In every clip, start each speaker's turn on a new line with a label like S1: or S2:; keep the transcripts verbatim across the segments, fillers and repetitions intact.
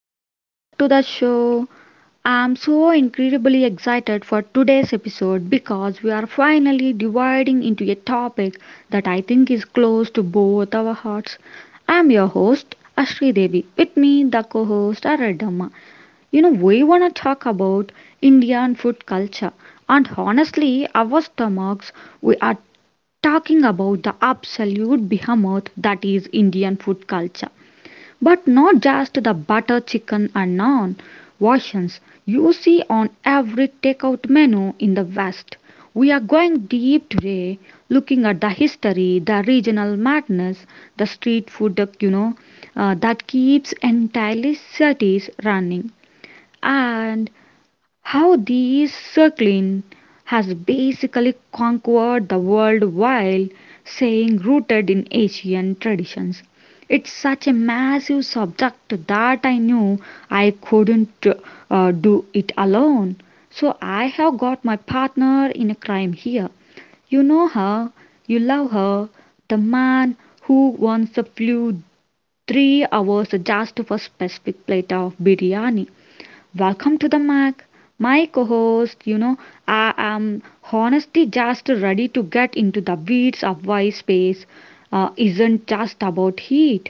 S1: welcome back to the show. I'm so incredibly excited for today's episode because we are finally dividing into a topic that I think is close to both our hearts. I'm your host, Ashri Devi. With me, the co host, Aradama. You know, we want to talk about Indian food culture, and honestly, our stomachs, we are talking about the absolute behemoth that is Indian food culture. But not just the butter chicken and naan versions you see on every takeout menu in the West. We are going deep today, looking at the history, the regional madness, the street food, you know, uh, that keeps entire cities running, and how the Circlean has basically conquered the world while saying rooted in Asian traditions. It's such a massive subject that I knew I couldn't uh, do it alone. So I have got my partner in a crime here. You know her, you love her, the man who once flew three hours just for a specific plate of biryani. Welcome to the Mac. My co host, you know, I am honestly just ready to get into the weeds of why space uh, isn't just about heat.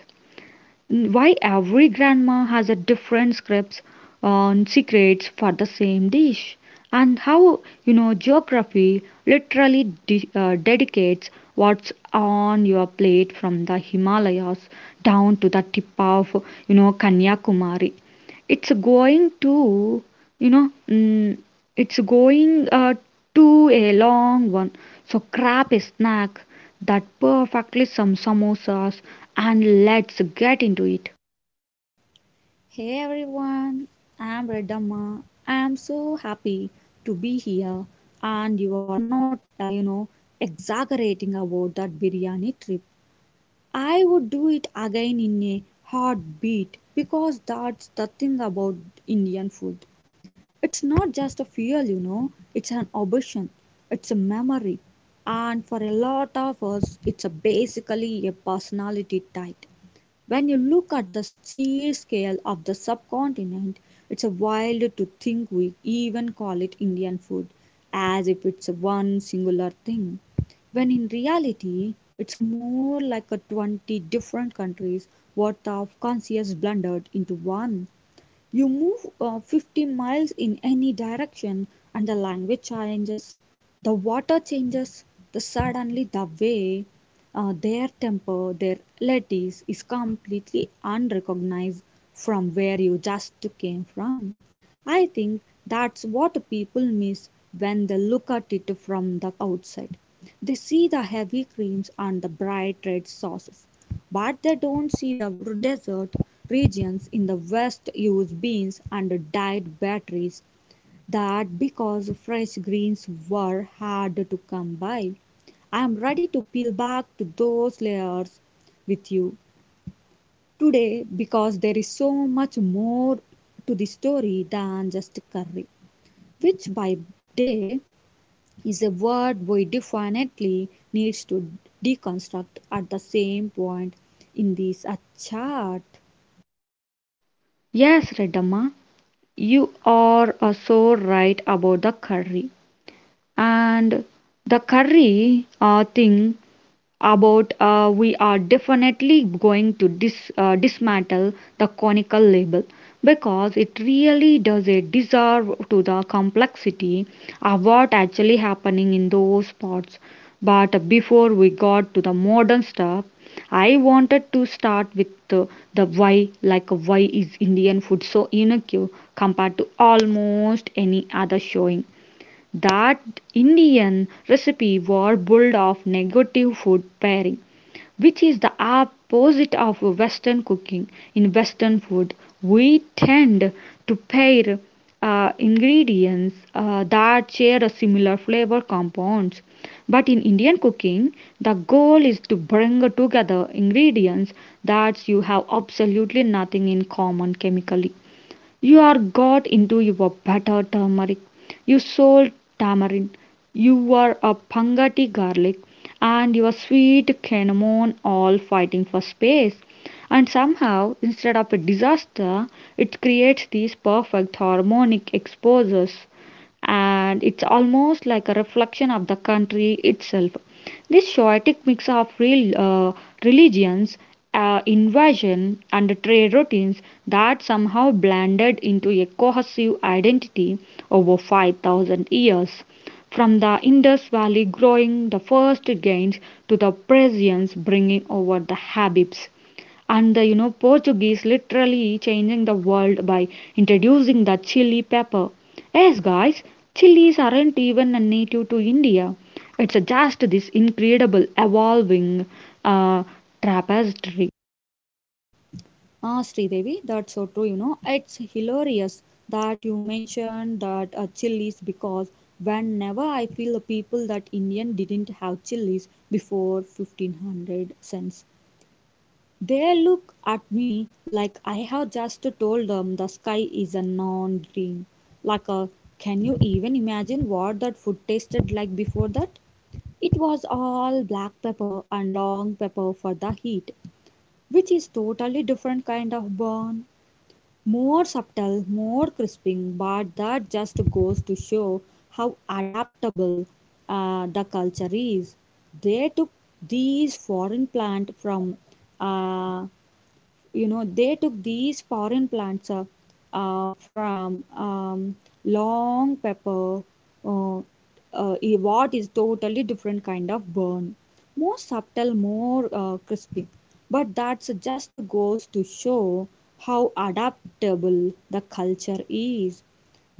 S1: Why every grandma has a different scripts on secrets for the same dish. And how, you know, geography literally de- uh, dedicates what's on your plate from the Himalayas down to the tip of, you know, Kanyakumari. It's going to you know mm, it's going uh, to a long one, so grab a snack that perfectly some samosas, and let's get into it.
S2: Hey everyone, I'm Redamma. I'm so happy to be here, and you are not, uh, you know, exaggerating about that biryani trip. I would do it again in a heartbeat because that's the thing about Indian food. It's not just a fuel, you know, it's an obsession, it's a memory, and for a lot of us, it's a basically a personality type. When you look at the sheer scale of the subcontinent, it's a wild to think we even call it Indian food, as if it's one singular thing, when in reality, it's a more like a twenty different countries worth of conscious blended into one. You move uh, fifty miles in any direction, and the language changes, the water changes, the suddenly the way uh, their temper, their ladies is completely unrecognized from where you just came from. I think that's what people miss when they look at it from the outside. They see the heavy creams and the bright red sauces, but they don't see the desert regions in the West use beans and dyed batteries that because fresh greens were hard to come by. I'm ready to peel back to those layers with you today because there is so much more to the story than just curry, which by day is a word we definitely needs to deconstruct at the same point in this uh, chart.
S1: Yes, Redamma, you are uh, so right about the curry, and the curry uh, thing about uh, we are definitely going to dis, uh, dismantle the conical label because it really does a deserve to the complexity of what actually happening in those spots. But before we got to the modern stuff, I wanted to start with the, the why, like why is Indian food so unique compared to almost any other, showing that Indian recipe were built of negative food pairing, which is the opposite of Western cooking. In Western food, we tend to pair uh, ingredients uh, that share a similar flavor compounds. But in Indian cooking, the goal is to bring together ingredients that you have absolutely nothing in common chemically. You are got into your butter turmeric. You sold tamarind. You are a pangati garlic. And your sweet cinnamon all fighting for space. And somehow, instead of a disaster, it creates these perfect harmonic exposures. And it's almost like a reflection of the country itself. This chaotic mix of real uh, religions, uh, invasion, and trade routines that somehow blended into a cohesive identity over five thousand years. From the Indus Valley growing the first gains to the Persians bringing over the Habibs, and the you know Portuguese literally changing the world by introducing the chili pepper. Yes, guys, chilies aren't even a native to India. It's just this incredible evolving uh, tapestry.
S2: Ah, Sridevi, that's so true. You know, it's hilarious that you mentioned that uh, chilies because whenever I feel the people that Indian didn't have chilies before fifteen hundred cents, they look at me like I have just told them the sky is a non-green. Like, uh, can you even imagine what that food tasted like before that? It was all black pepper and long pepper for the heat, which is totally different kind of burn more subtle, more crisping, but that just goes to show how adaptable uh, the culture is. They took these foreign plant from uh, you know they took these foreign plants uh, uh, from um, long pepper uh, uh, i- what is totally different kind of burn more subtle more uh, crispy, but that's just goes to show how adaptable the culture is.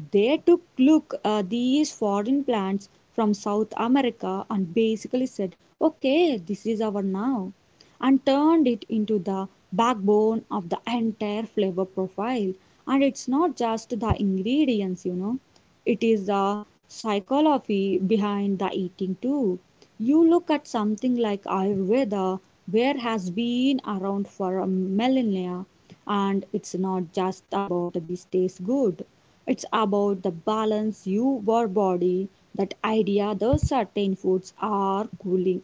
S2: They took look uh, these foreign plants from South America and basically said, okay, this is our now, and turned it into the backbone of the entire flavor profile. And it's not just the ingredients, you know, it is the psychology behind the eating too. You look at something like Ayurveda, where has been around for a millennia, and it's not just about this tastes good. It's about the balance your body, that idea those certain foods are cooling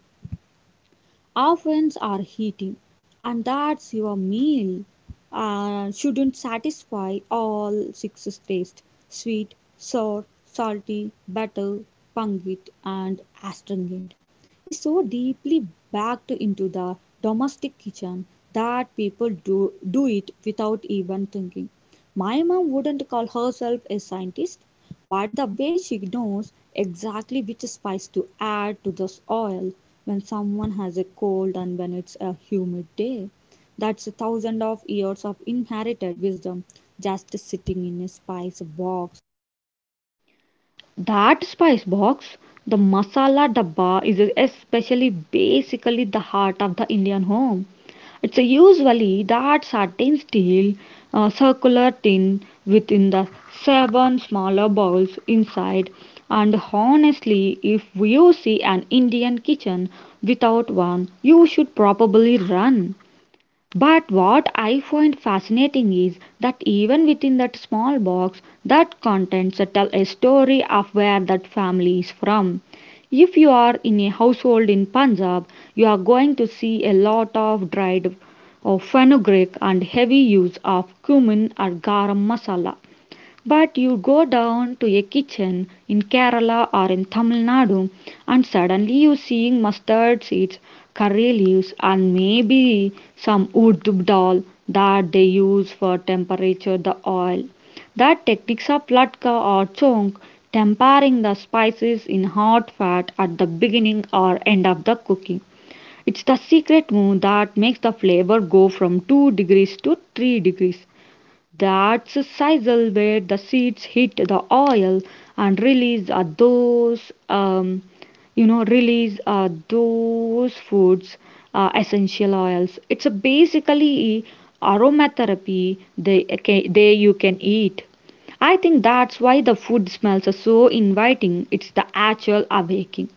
S2: ovens are heating, and that's your meal uh, shouldn't satisfy all six tastes sweet, sour, salty, bitter, pungent, and astringent is so deeply backed into the domestic kitchen that people do, do it without even thinking. My mom wouldn't call herself a scientist, but the way she knows exactly which spice to add to the oil when someone has a cold and when it's a humid day, that's a thousand of years of inherited wisdom just sitting in a spice box.
S1: That spice box, the masala dabba, is especially basically the heart of the Indian home. It's a usually that certain steel uh, circular tin within the seven smaller bowls inside. And honestly, if you see an Indian kitchen without one, you should probably run. But what I find fascinating is that even within that small box, that contents tell a story of where that family is from. If you are in a household in Punjab, you are going to see a lot of dried of fenugreek and heavy use of cumin or garam masala. But you go down to a kitchen in Kerala or in Tamil Nadu, and suddenly you seeing mustard seeds, curry leaves, and maybe some urdu dal that they use for temperature the oil. That techniques of latke or chonk, tempering the spices in hot fat at the beginning or end of the cooking. It's the secret move that makes the flavor go from two degrees to three degrees. That's a sizzle where the seeds hit the oil and release uh, those, um, you know, release uh, those foods uh, essential oils. It's a basically aromatherapy. They okay, they you can eat. I think that's why the food smells are so inviting. It's the actual awakening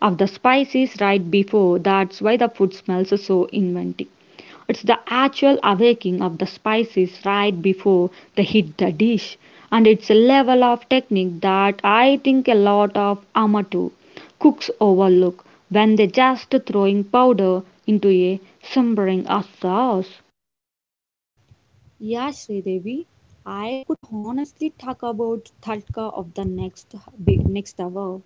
S1: of the spices right before. That's why the food smells are so inviting. It's the actual awakening of the spices right before they hit the dish, and it's a level of technique that I think a lot of amateur cooks overlook when they're just throwing powder into a simmering sauce.
S2: Yeah, Sridevi, I could honestly talk about Tadka of the next big next hour,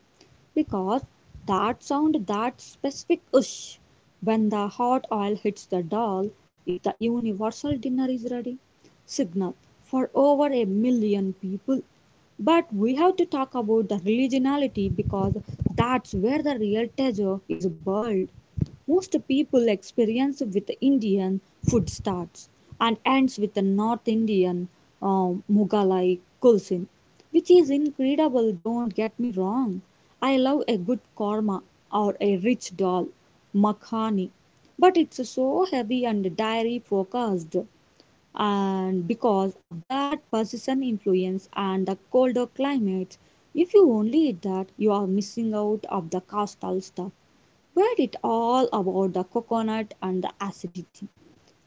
S2: because that sound, that specific whoosh when the hot oil hits the doll, is the universal dinner is ready signal for over a million people. But we have to talk about the religionality, because that's where the real treasure is buried. Most people experience with Indian food starts and ends with the North Indian um, Mughalai cuisine, which is incredible. Don't get me wrong, I love a good korma or a rich dal makhani, but it's so heavy and dairy focused. And because of that Persian influence and the colder climate, if you only eat that, you are missing out of the coastal stuff, where it all about the coconut and the acidity.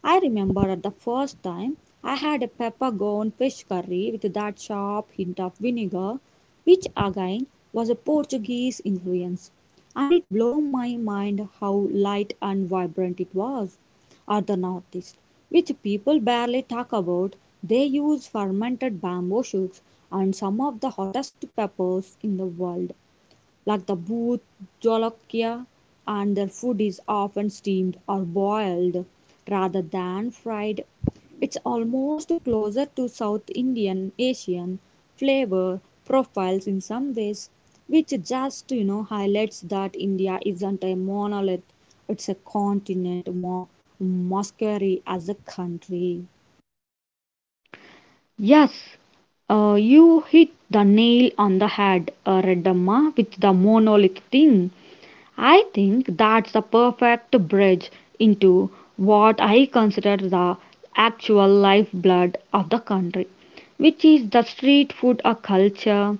S2: I remember at the first time I had a peppercorn fish curry with that sharp hint of vinegar, which again was a Portuguese influence, and it blew my mind how light and vibrant it was. At the northeast, which people barely talk about, they use fermented bamboo shoots and some of the hottest peppers in the world like the booth jolokia, and their food is often steamed or boiled rather than fried. It's almost closer to South Indian Asian flavor profiles in some ways, which just you know highlights that India isn't a monolith; it's a continent more masquerie as a country.
S1: Yes, uh, you hit the nail on the head, uh, Redamma, with the monolith thing. I think that's the perfect bridge into what I consider the actual lifeblood of the country, which is the street food uh, culture.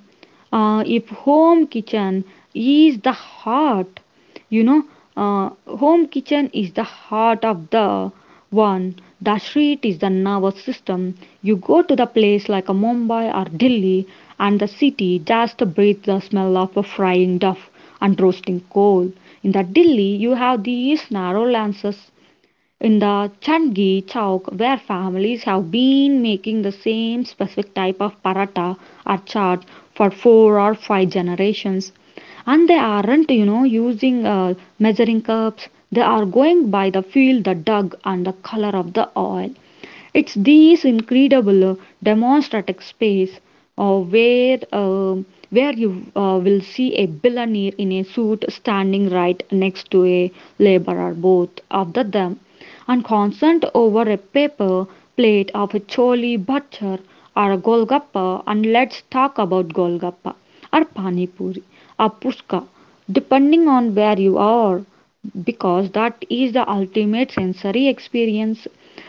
S1: Uh, if home kitchen is the heart, you know, uh, home kitchen is the heart of the one. The street is the nervous system. You go to the place like a Mumbai or Delhi, and the city just breathes the smell of a frying duff and roasting coal. In the Delhi, you have these narrow lanes in the Chandgi Chowk where families have been making the same specific type of paratha or chaat for four or five generations, and they aren't you know using uh, measuring cups. They are going by the feel, the dug, and the color of the oil. It's these incredible uh, demonstrative space, uh, where um where you uh, will see a billionaire in a suit standing right next to a laborer, both of them and concerned over a paper plate of a chole bhature or a golgappa. And let's talk about golgappa or pani puri or puska, depending on where you are, because that is the ultimate sensory experience.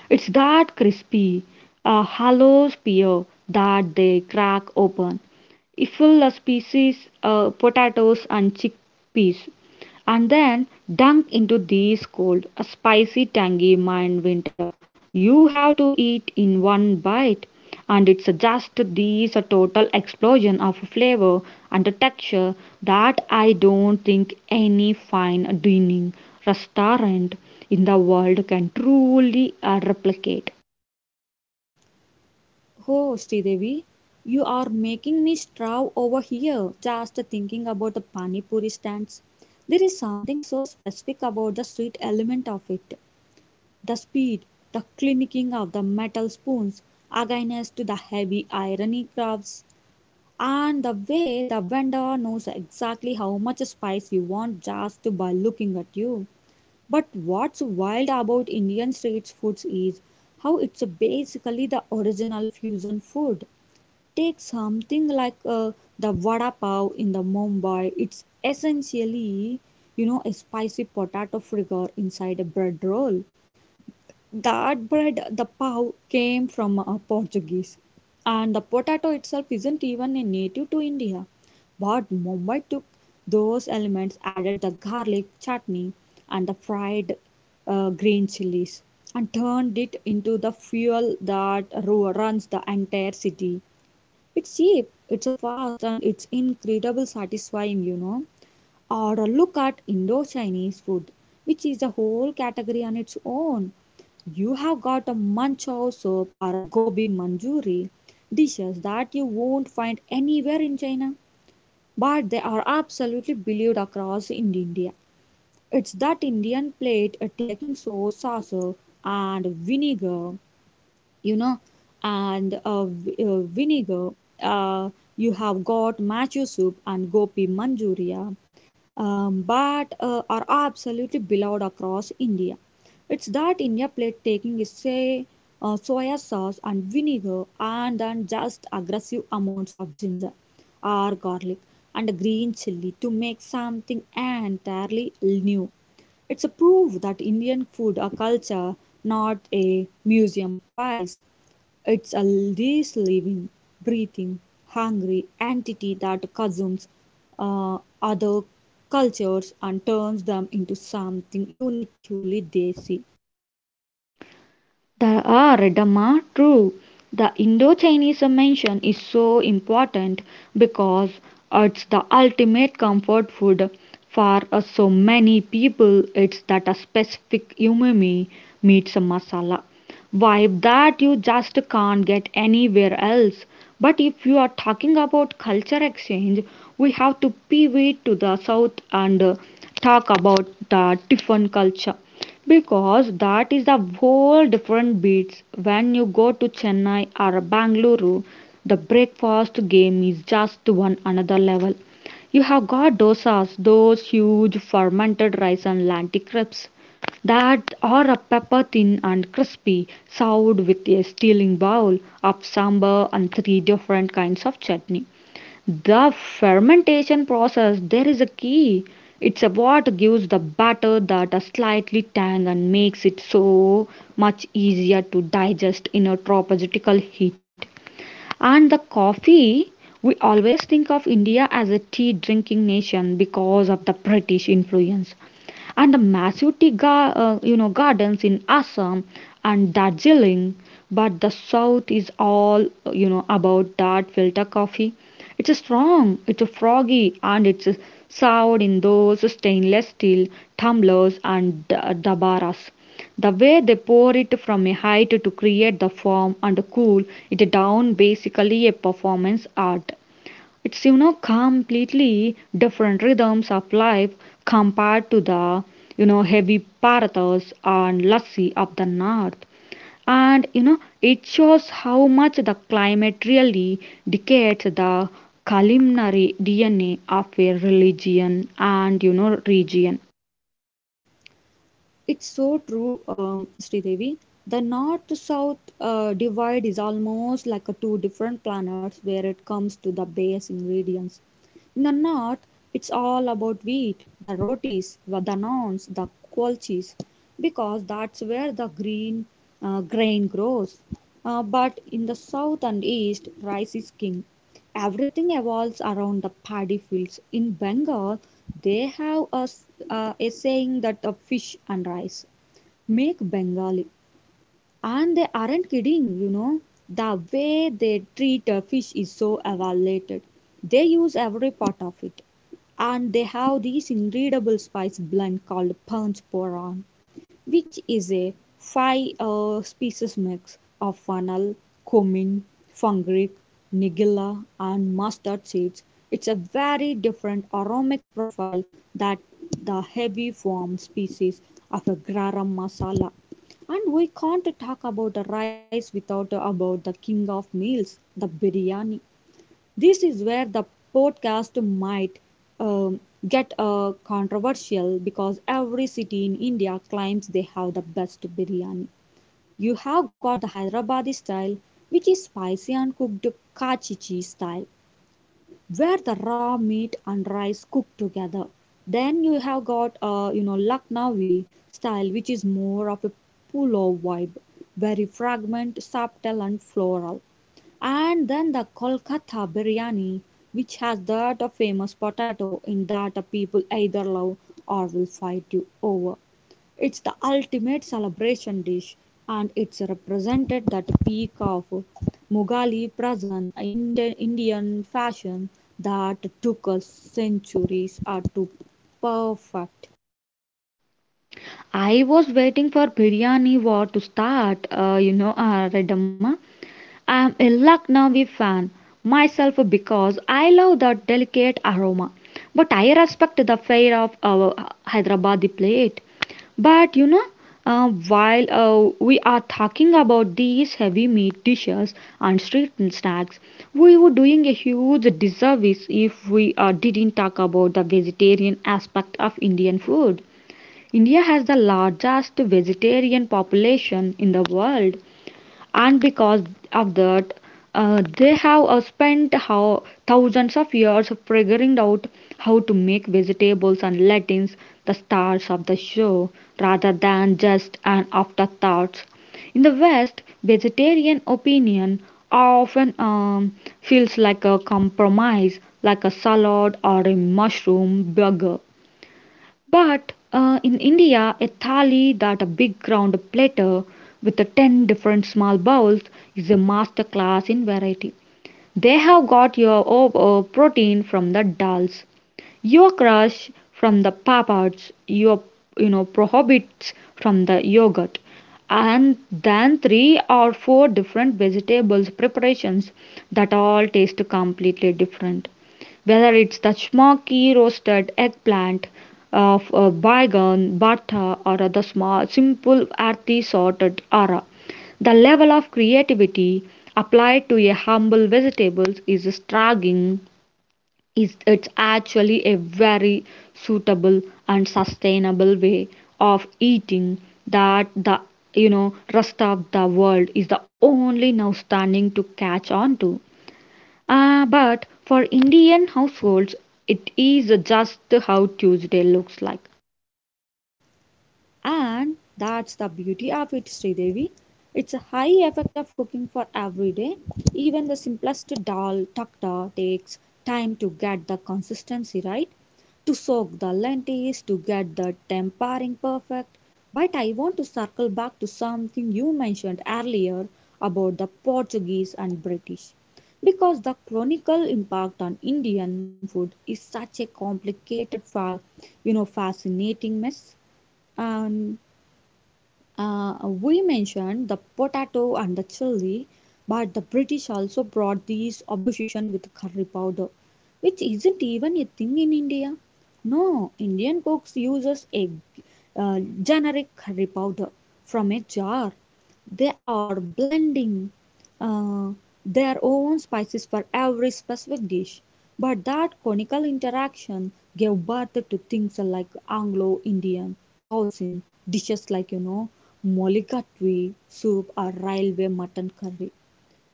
S1: It's that crispy uh, hollow spear that they crack open, if full of species uh, potatoes and chickpeas, and then dunk into these cold, a spicy, tangy mind winter. You have to eat in one bite, and it's just these a total explosion of flavor and texture that I don't think any fine dining restaurant in the world can truly uh, replicate.
S2: Oh, Sridevi, you are making me straw over here just thinking about the pani puri stands. There is something so specific about the sweet element of it. The speed, the clinking of the metal spoons against the heavy iron crafts, and the way the vendor knows exactly how much spice you want just by looking at you. But what's wild about Indian street foods is how it's basically the original fusion food. Take something like uh, the vada pav in the Mumbai. It's essentially, you know, a spicy potato fritter inside a bread roll. That bread, the pav, came from uh, Portuguese, and the potato itself isn't even a native to India. But Mumbai took those elements, added the garlic chutney and the fried uh, green chilies, and turned it into the fuel that ru- runs the entire city. It's cheap, it's a fast, and it's incredible satisfying, you know. Or a look at Indo Chinese food, which is a whole category on its own. You have got a manchow soup or a gobi manjuri, dishes that you won't find anywhere in China, but they are absolutely believed across in India. It's that Indian plate uh, taking sauce, sauce, and vinegar you know and uh, v- uh, vinegar, uh, you have got macho soup and gopi manchuria, um, but uh, are absolutely beloved across India. It's that India plate taking is say uh, soya sauce and vinegar and then just aggressive amounts of ginger or garlic and green chili to make something entirely new. It's a proof that Indian food a culture, not a museum piece. It's a this living, breathing, hungry entity that consumes uh, other cultures and turns them into something uniquely they see.
S1: They are Dharma true. The Indo-Chinese mention is so important because it's the ultimate comfort food for uh, so many people. It's that a specific umami meets a masala vibe that you just can't get anywhere else. But if you are talking about culture exchange, we have to pivot to the south and uh, talk about the Tiffin culture, because that is a whole different beats. When you go to Chennai or Bangalore, the breakfast game is just one another level. You have got dosas, those huge fermented rice and lentil crepes that are a pepper thin and crispy, served with a steaming bowl of sambar and three different kinds of chutney. The fermentation process, there is a key. It's what gives the batter that a slightly tang and makes it so much easier to digest in a tropical heat. And the coffee, we always think of India as a tea drinking nation because of the British influence and the massive tea gar- uh, you know gardens in Assam and Darjeeling. But the South is all uh, you know about that filter coffee. It's a strong, it's a froggy, and it's a served in those stainless steel tumblers and d- dabaras. The way they pour it from a height to create the form and cool it down basically a performance art. It's you know completely different rhythms of life compared to the you know heavy parathas and lassi of the north. And you know it shows how much the climate really dictates the culinary D N A of a religion and you know region.
S2: It's so true, um, Sridevi. The north south uh, divide is almost like a two different planets where it comes to the base ingredients. In the north, it's all about wheat, the rotis, wa- the naans, the kulchis, because that's where the green uh, grain grows. Uh, but in the south and east, rice is king. Everything evolves around the paddy fields. In Bengal, they have a, s- uh, a saying that the fish and rice make Bengali. And they aren't kidding, you know. The way they treat a fish is so evaluated. They use every part of it. And they have this incredible spice blend called Panch Poran, which is a five uh, species mix of fennel, cumin, fungric, nigella, and mustard seeds. It's a very different aromatic profile that the heavy form species of a garam masala. And we can't talk about the rice without about the king of meals, the biryani. This is where the podcast might um, get uh, controversial, because every city in India claims they have the best biryani. You have got the Hyderabadi style, which is spicy and cooked Kachichi style, where the raw meat and rice cook together. Then you have got uh, you know Lucknowi style, which is more of a pulao vibe, very fragrant, subtle, and floral. And then the Kolkata biryani, which has that a famous potato in that uh, people either love or will fight you over. It's the ultimate celebration dish, and it's represented that peak of Mughali present Indi- Indian fashion that took us centuries uh, to perfect.
S1: I was waiting for biryani war to start, uh, you know, uh, Redamma. I'm a Lucknowi fan myself because I love the delicate aroma, but I respect the fare of our Hyderabadi plate. But you know, uh, while uh, we are talking about these heavy meat dishes and street snacks, we were doing a huge disservice if we uh, didn't talk about the vegetarian aspect of Indian food. India has the largest vegetarian population in the world, and because of that uh, they have uh, spent how thousands of years figuring out how to make vegetables and lentils the stars of the show rather than just an afterthought. In the west, vegetarian opinion often um, feels like a compromise, like a salad or a mushroom burger. But uh, in India, a thali, that a big round platter with the ten different small bowls, is a master class in variety. They have got your oh, oh, protein from the dals, your crush from the papads, your you know prohibits from the yogurt, and then three or four different vegetables preparations that all taste completely different. Whether it's the smoky roasted eggplant of a bygone butter or the small simple earthy sorted ara. The level of creativity applied to a humble vegetables is staggering. Is it's actually a very suitable and sustainable way of eating that the you know rest of the world is the only now standing to catch on to. Ah, but for Indian households, it is just how Tuesday looks like.
S2: And that's the beauty of it, Sridevi. It's a high effect of cooking for every day. Even the simplest dal takta takes time to get the consistency right, to soak the lentils, to get the tempering perfect. But I want to circle back to something you mentioned earlier about the Portuguese and British, because the chronicle impact on Indian food is such a complicated, fa- you know, fascinating mess. And uh, we mentioned the potato and the chili, but the British also brought these obsession with curry powder, which isn't even a thing in India. No, Indian cooks uses a uh, generic curry powder from a jar. They are blending uh, their own spices for every specific dish. But that conical interaction gave birth to things like Anglo Indian cuisine, dishes like, you know, molikatwi soup or railway mutton curry.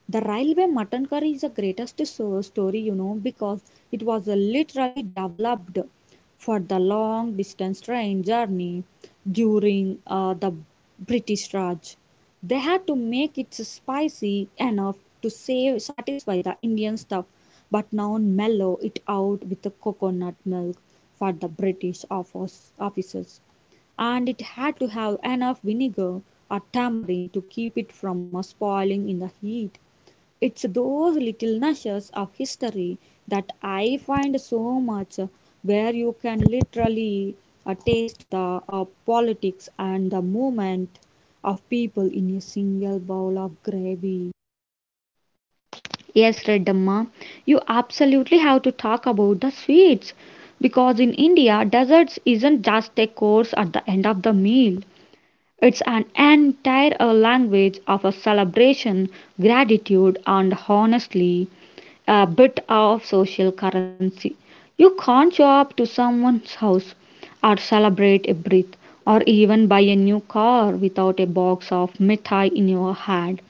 S2: The railway mutton curry is the greatest so- story, you know, because it was uh, literally developed for the long distance train journey during uh, the British Raj. They had to make it spicy enough to save, satisfy the Indian stuff, but now mellow it out with the coconut milk for the British office, officers. And it had to have enough vinegar or tamarind to keep it from uh, spoiling in the heat. It's those little nudges of history that I find so much, where you can literally uh, taste the uh, politics and the movement of people in a single bowl of gravy.
S1: Yes, Redamma, you absolutely have to talk about the sweets because in India, desserts isn't just a course at the end of the meal. It's an entire uh, language of a celebration, gratitude, and honestly, a bit of social currency. You can't show up to someone's house or celebrate a birth or even buy a new car without a box of mithai in your hand,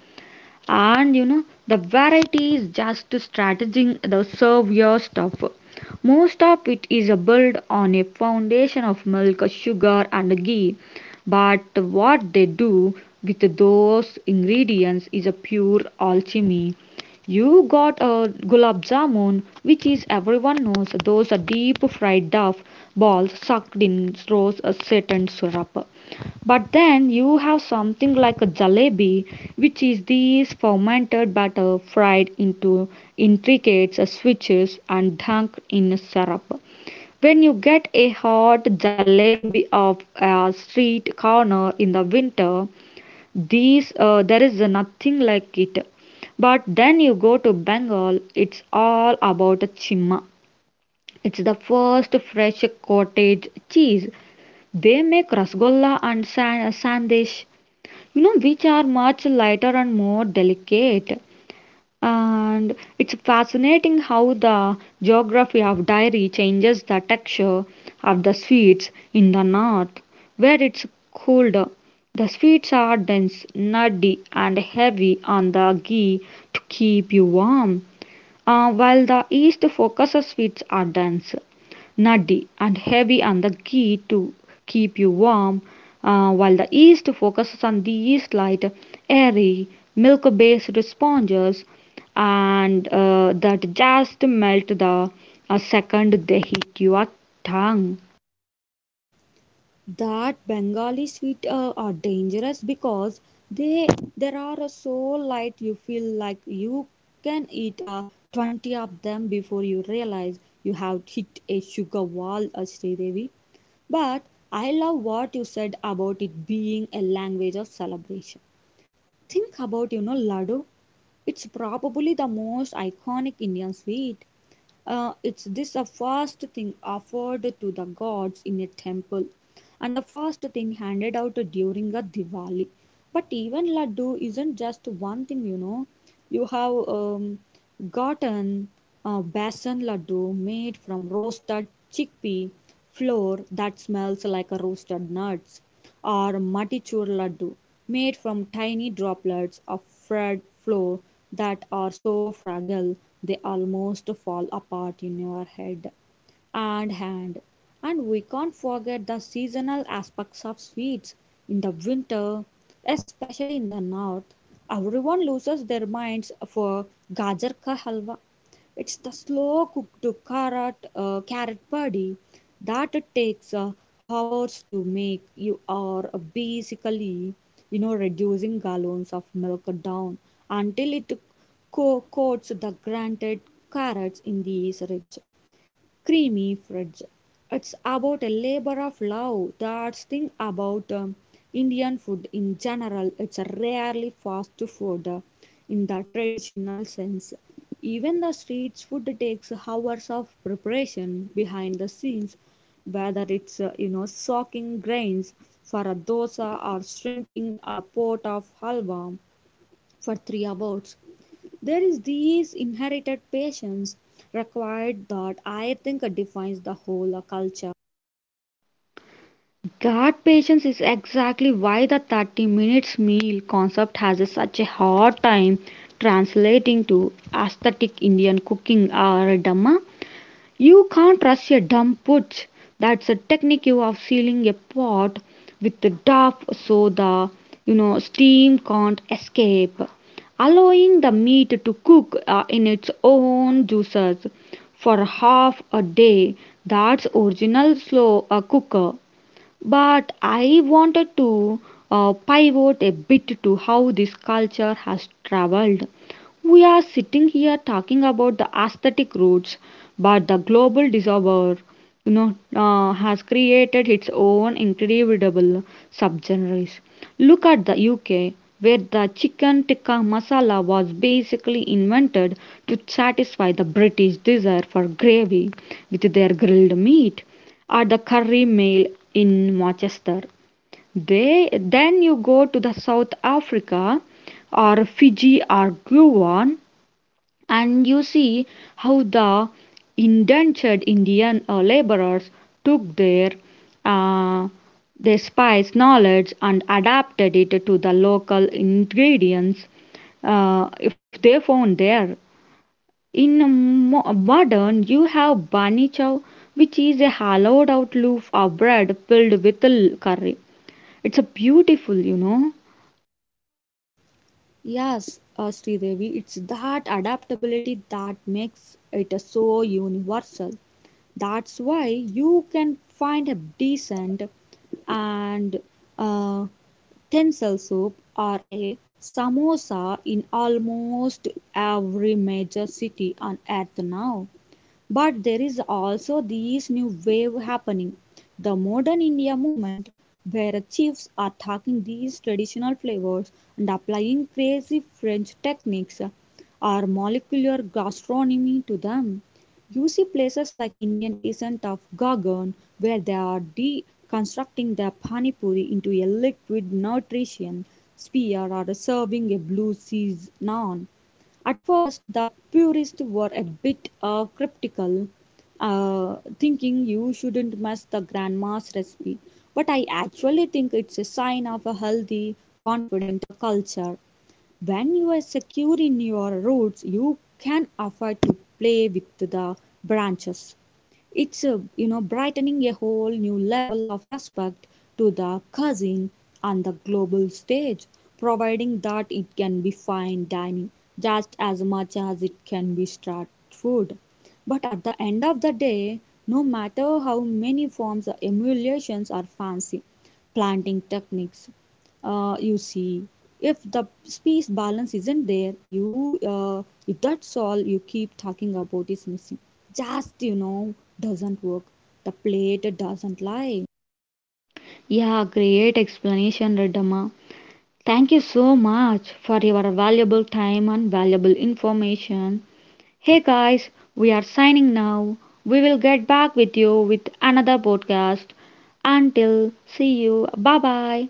S1: and you know the variety is just strategizing the serve your stuff. Most of it is built on a foundation of milk, sugar, and ghee, but what they do with those ingredients is a pure alchemy. You got a gulab jamun, which is, everyone knows, those are deep fried duff balls sucked in rose set and syrup. But then you have something like a jalebi, which is these fermented batter fried into intricate switches and dunked in syrup. When you get a hot jalebi of a street corner in the winter, these uh, there is nothing like it. But then you go to Bengal, it's all about chimma. It's the first fresh cottage cheese. They make rasgulla and san- sandesh, you know, which are much lighter and more delicate. And it's fascinating how the geography of dairy changes the texture of the sweets. In the north, where it's colder, the sweets are dense, nutty, and heavy on the ghee to keep you warm, uh, while the East focuses its are dense, nutty, and heavy on the ghee to keep you warm, uh, while the East focuses on these light, airy, milk-based sponges, and uh, that just melt the uh, second they hit your tongue.
S2: That Bengali sweet uh, are dangerous because they there are so light you feel like you can eat uh, twenty of them before you realize you have hit a sugar wall, uh, Sridevi. But I love what you said about it being a language of celebration. Think about, you know, laddu. It's probably the most iconic Indian sweet. Uh, it's this a first thing offered to the gods in a temple, and the first thing handed out during a Diwali. But even laddu isn't just one thing, you know. You have um, gotten a besan laddu made from roasted chickpea flour that smells like a roasted nuts or Matichur Laddu, made from tiny droplets of fred flour that are so fragile they almost fall apart in your head and hand. And we can't forget the seasonal aspects of sweets. In the winter, especially in the north, everyone loses their minds for gajar ka halwa. It's the slow cooked carrot, uh, carrot padi that it takes uh, hours to make. You are uh, basically, you know, reducing gallons of milk down until it co- coats the grated carrots in these rich creamy fridge. It's about a labor of love. That's thing about um, Indian food in general. It's rarely fast food uh, in the traditional sense. Even the street food takes hours of preparation behind the scenes, whether it's uh, you know soaking grains for a dosa or shrinking a pot of halwa for three hours. There is this inherited patience required that I think defines the whole uh, culture.
S1: God, patience is exactly why the thirty minutes meal concept has a- such a hard time translating to aesthetic Indian cooking or a dhamma. You can't rush a dumb putch. That's a technique of sealing a pot with the duff so the you know steam can't escape, allowing the meat to cook uh, in its own juices for half a day. That's original slow uh, cooker. But I wanted to uh, pivot a bit to how this culture has traveled. We are sitting here talking about the aesthetic roots, but the global disorder, you know, uh, has created its own incredible subgenres. Look at the U K, where the chicken tikka masala was basically invented to satisfy the British desire for gravy with their grilled meat, or the Curry Mill in Rochester. They, then you go to the South Africa or Fiji or Guam and you see how the indentured Indian uh, laborers took their uh, their spice knowledge and adapted it to the local ingredients uh, if they found there. In um, mo- modern, you have bani chow, which is a hollowed out loaf of bread filled with l- curry. It's a beautiful, you know.
S2: Yes, uh, Sri Devi, it's that adaptability that makes it uh, so universal. That's why you can find a decent and uh, tensile soup or a samosa in almost every major city on earth now. But there is also this new wave happening, the modern India movement, where chefs are taking these traditional flavors and applying crazy French techniques or molecular gastronomy to them. You see places like Indian Ascent of Gagan where they are deconstructing the pani puri into a liquid nutrition sphere or serving a blue cheese naan. At first, the purists were a bit uh, cryptical, uh, thinking you shouldn't mess the grandma's recipe. But I actually think it's a sign of a healthy, confident uh, culture. When you are secure in your roots, you can afford to play with the branches. It's a, you know brightening a whole new level of respect to the cuisine on the global stage, providing that it can be fine dining just as much as it can be street food. But at the end of the day, no matter how many forms of emulations are fancy, planting techniques, uh, you see if the space balance isn't there you uh, if that's all you keep talking about is missing just you know doesn't work the plate doesn't lie
S1: Yeah, great explanation, Redama. Thank you so much for your valuable time and valuable information. Hey guys, we are signing now. We will get back with you with another podcast. Until see you. Bye bye.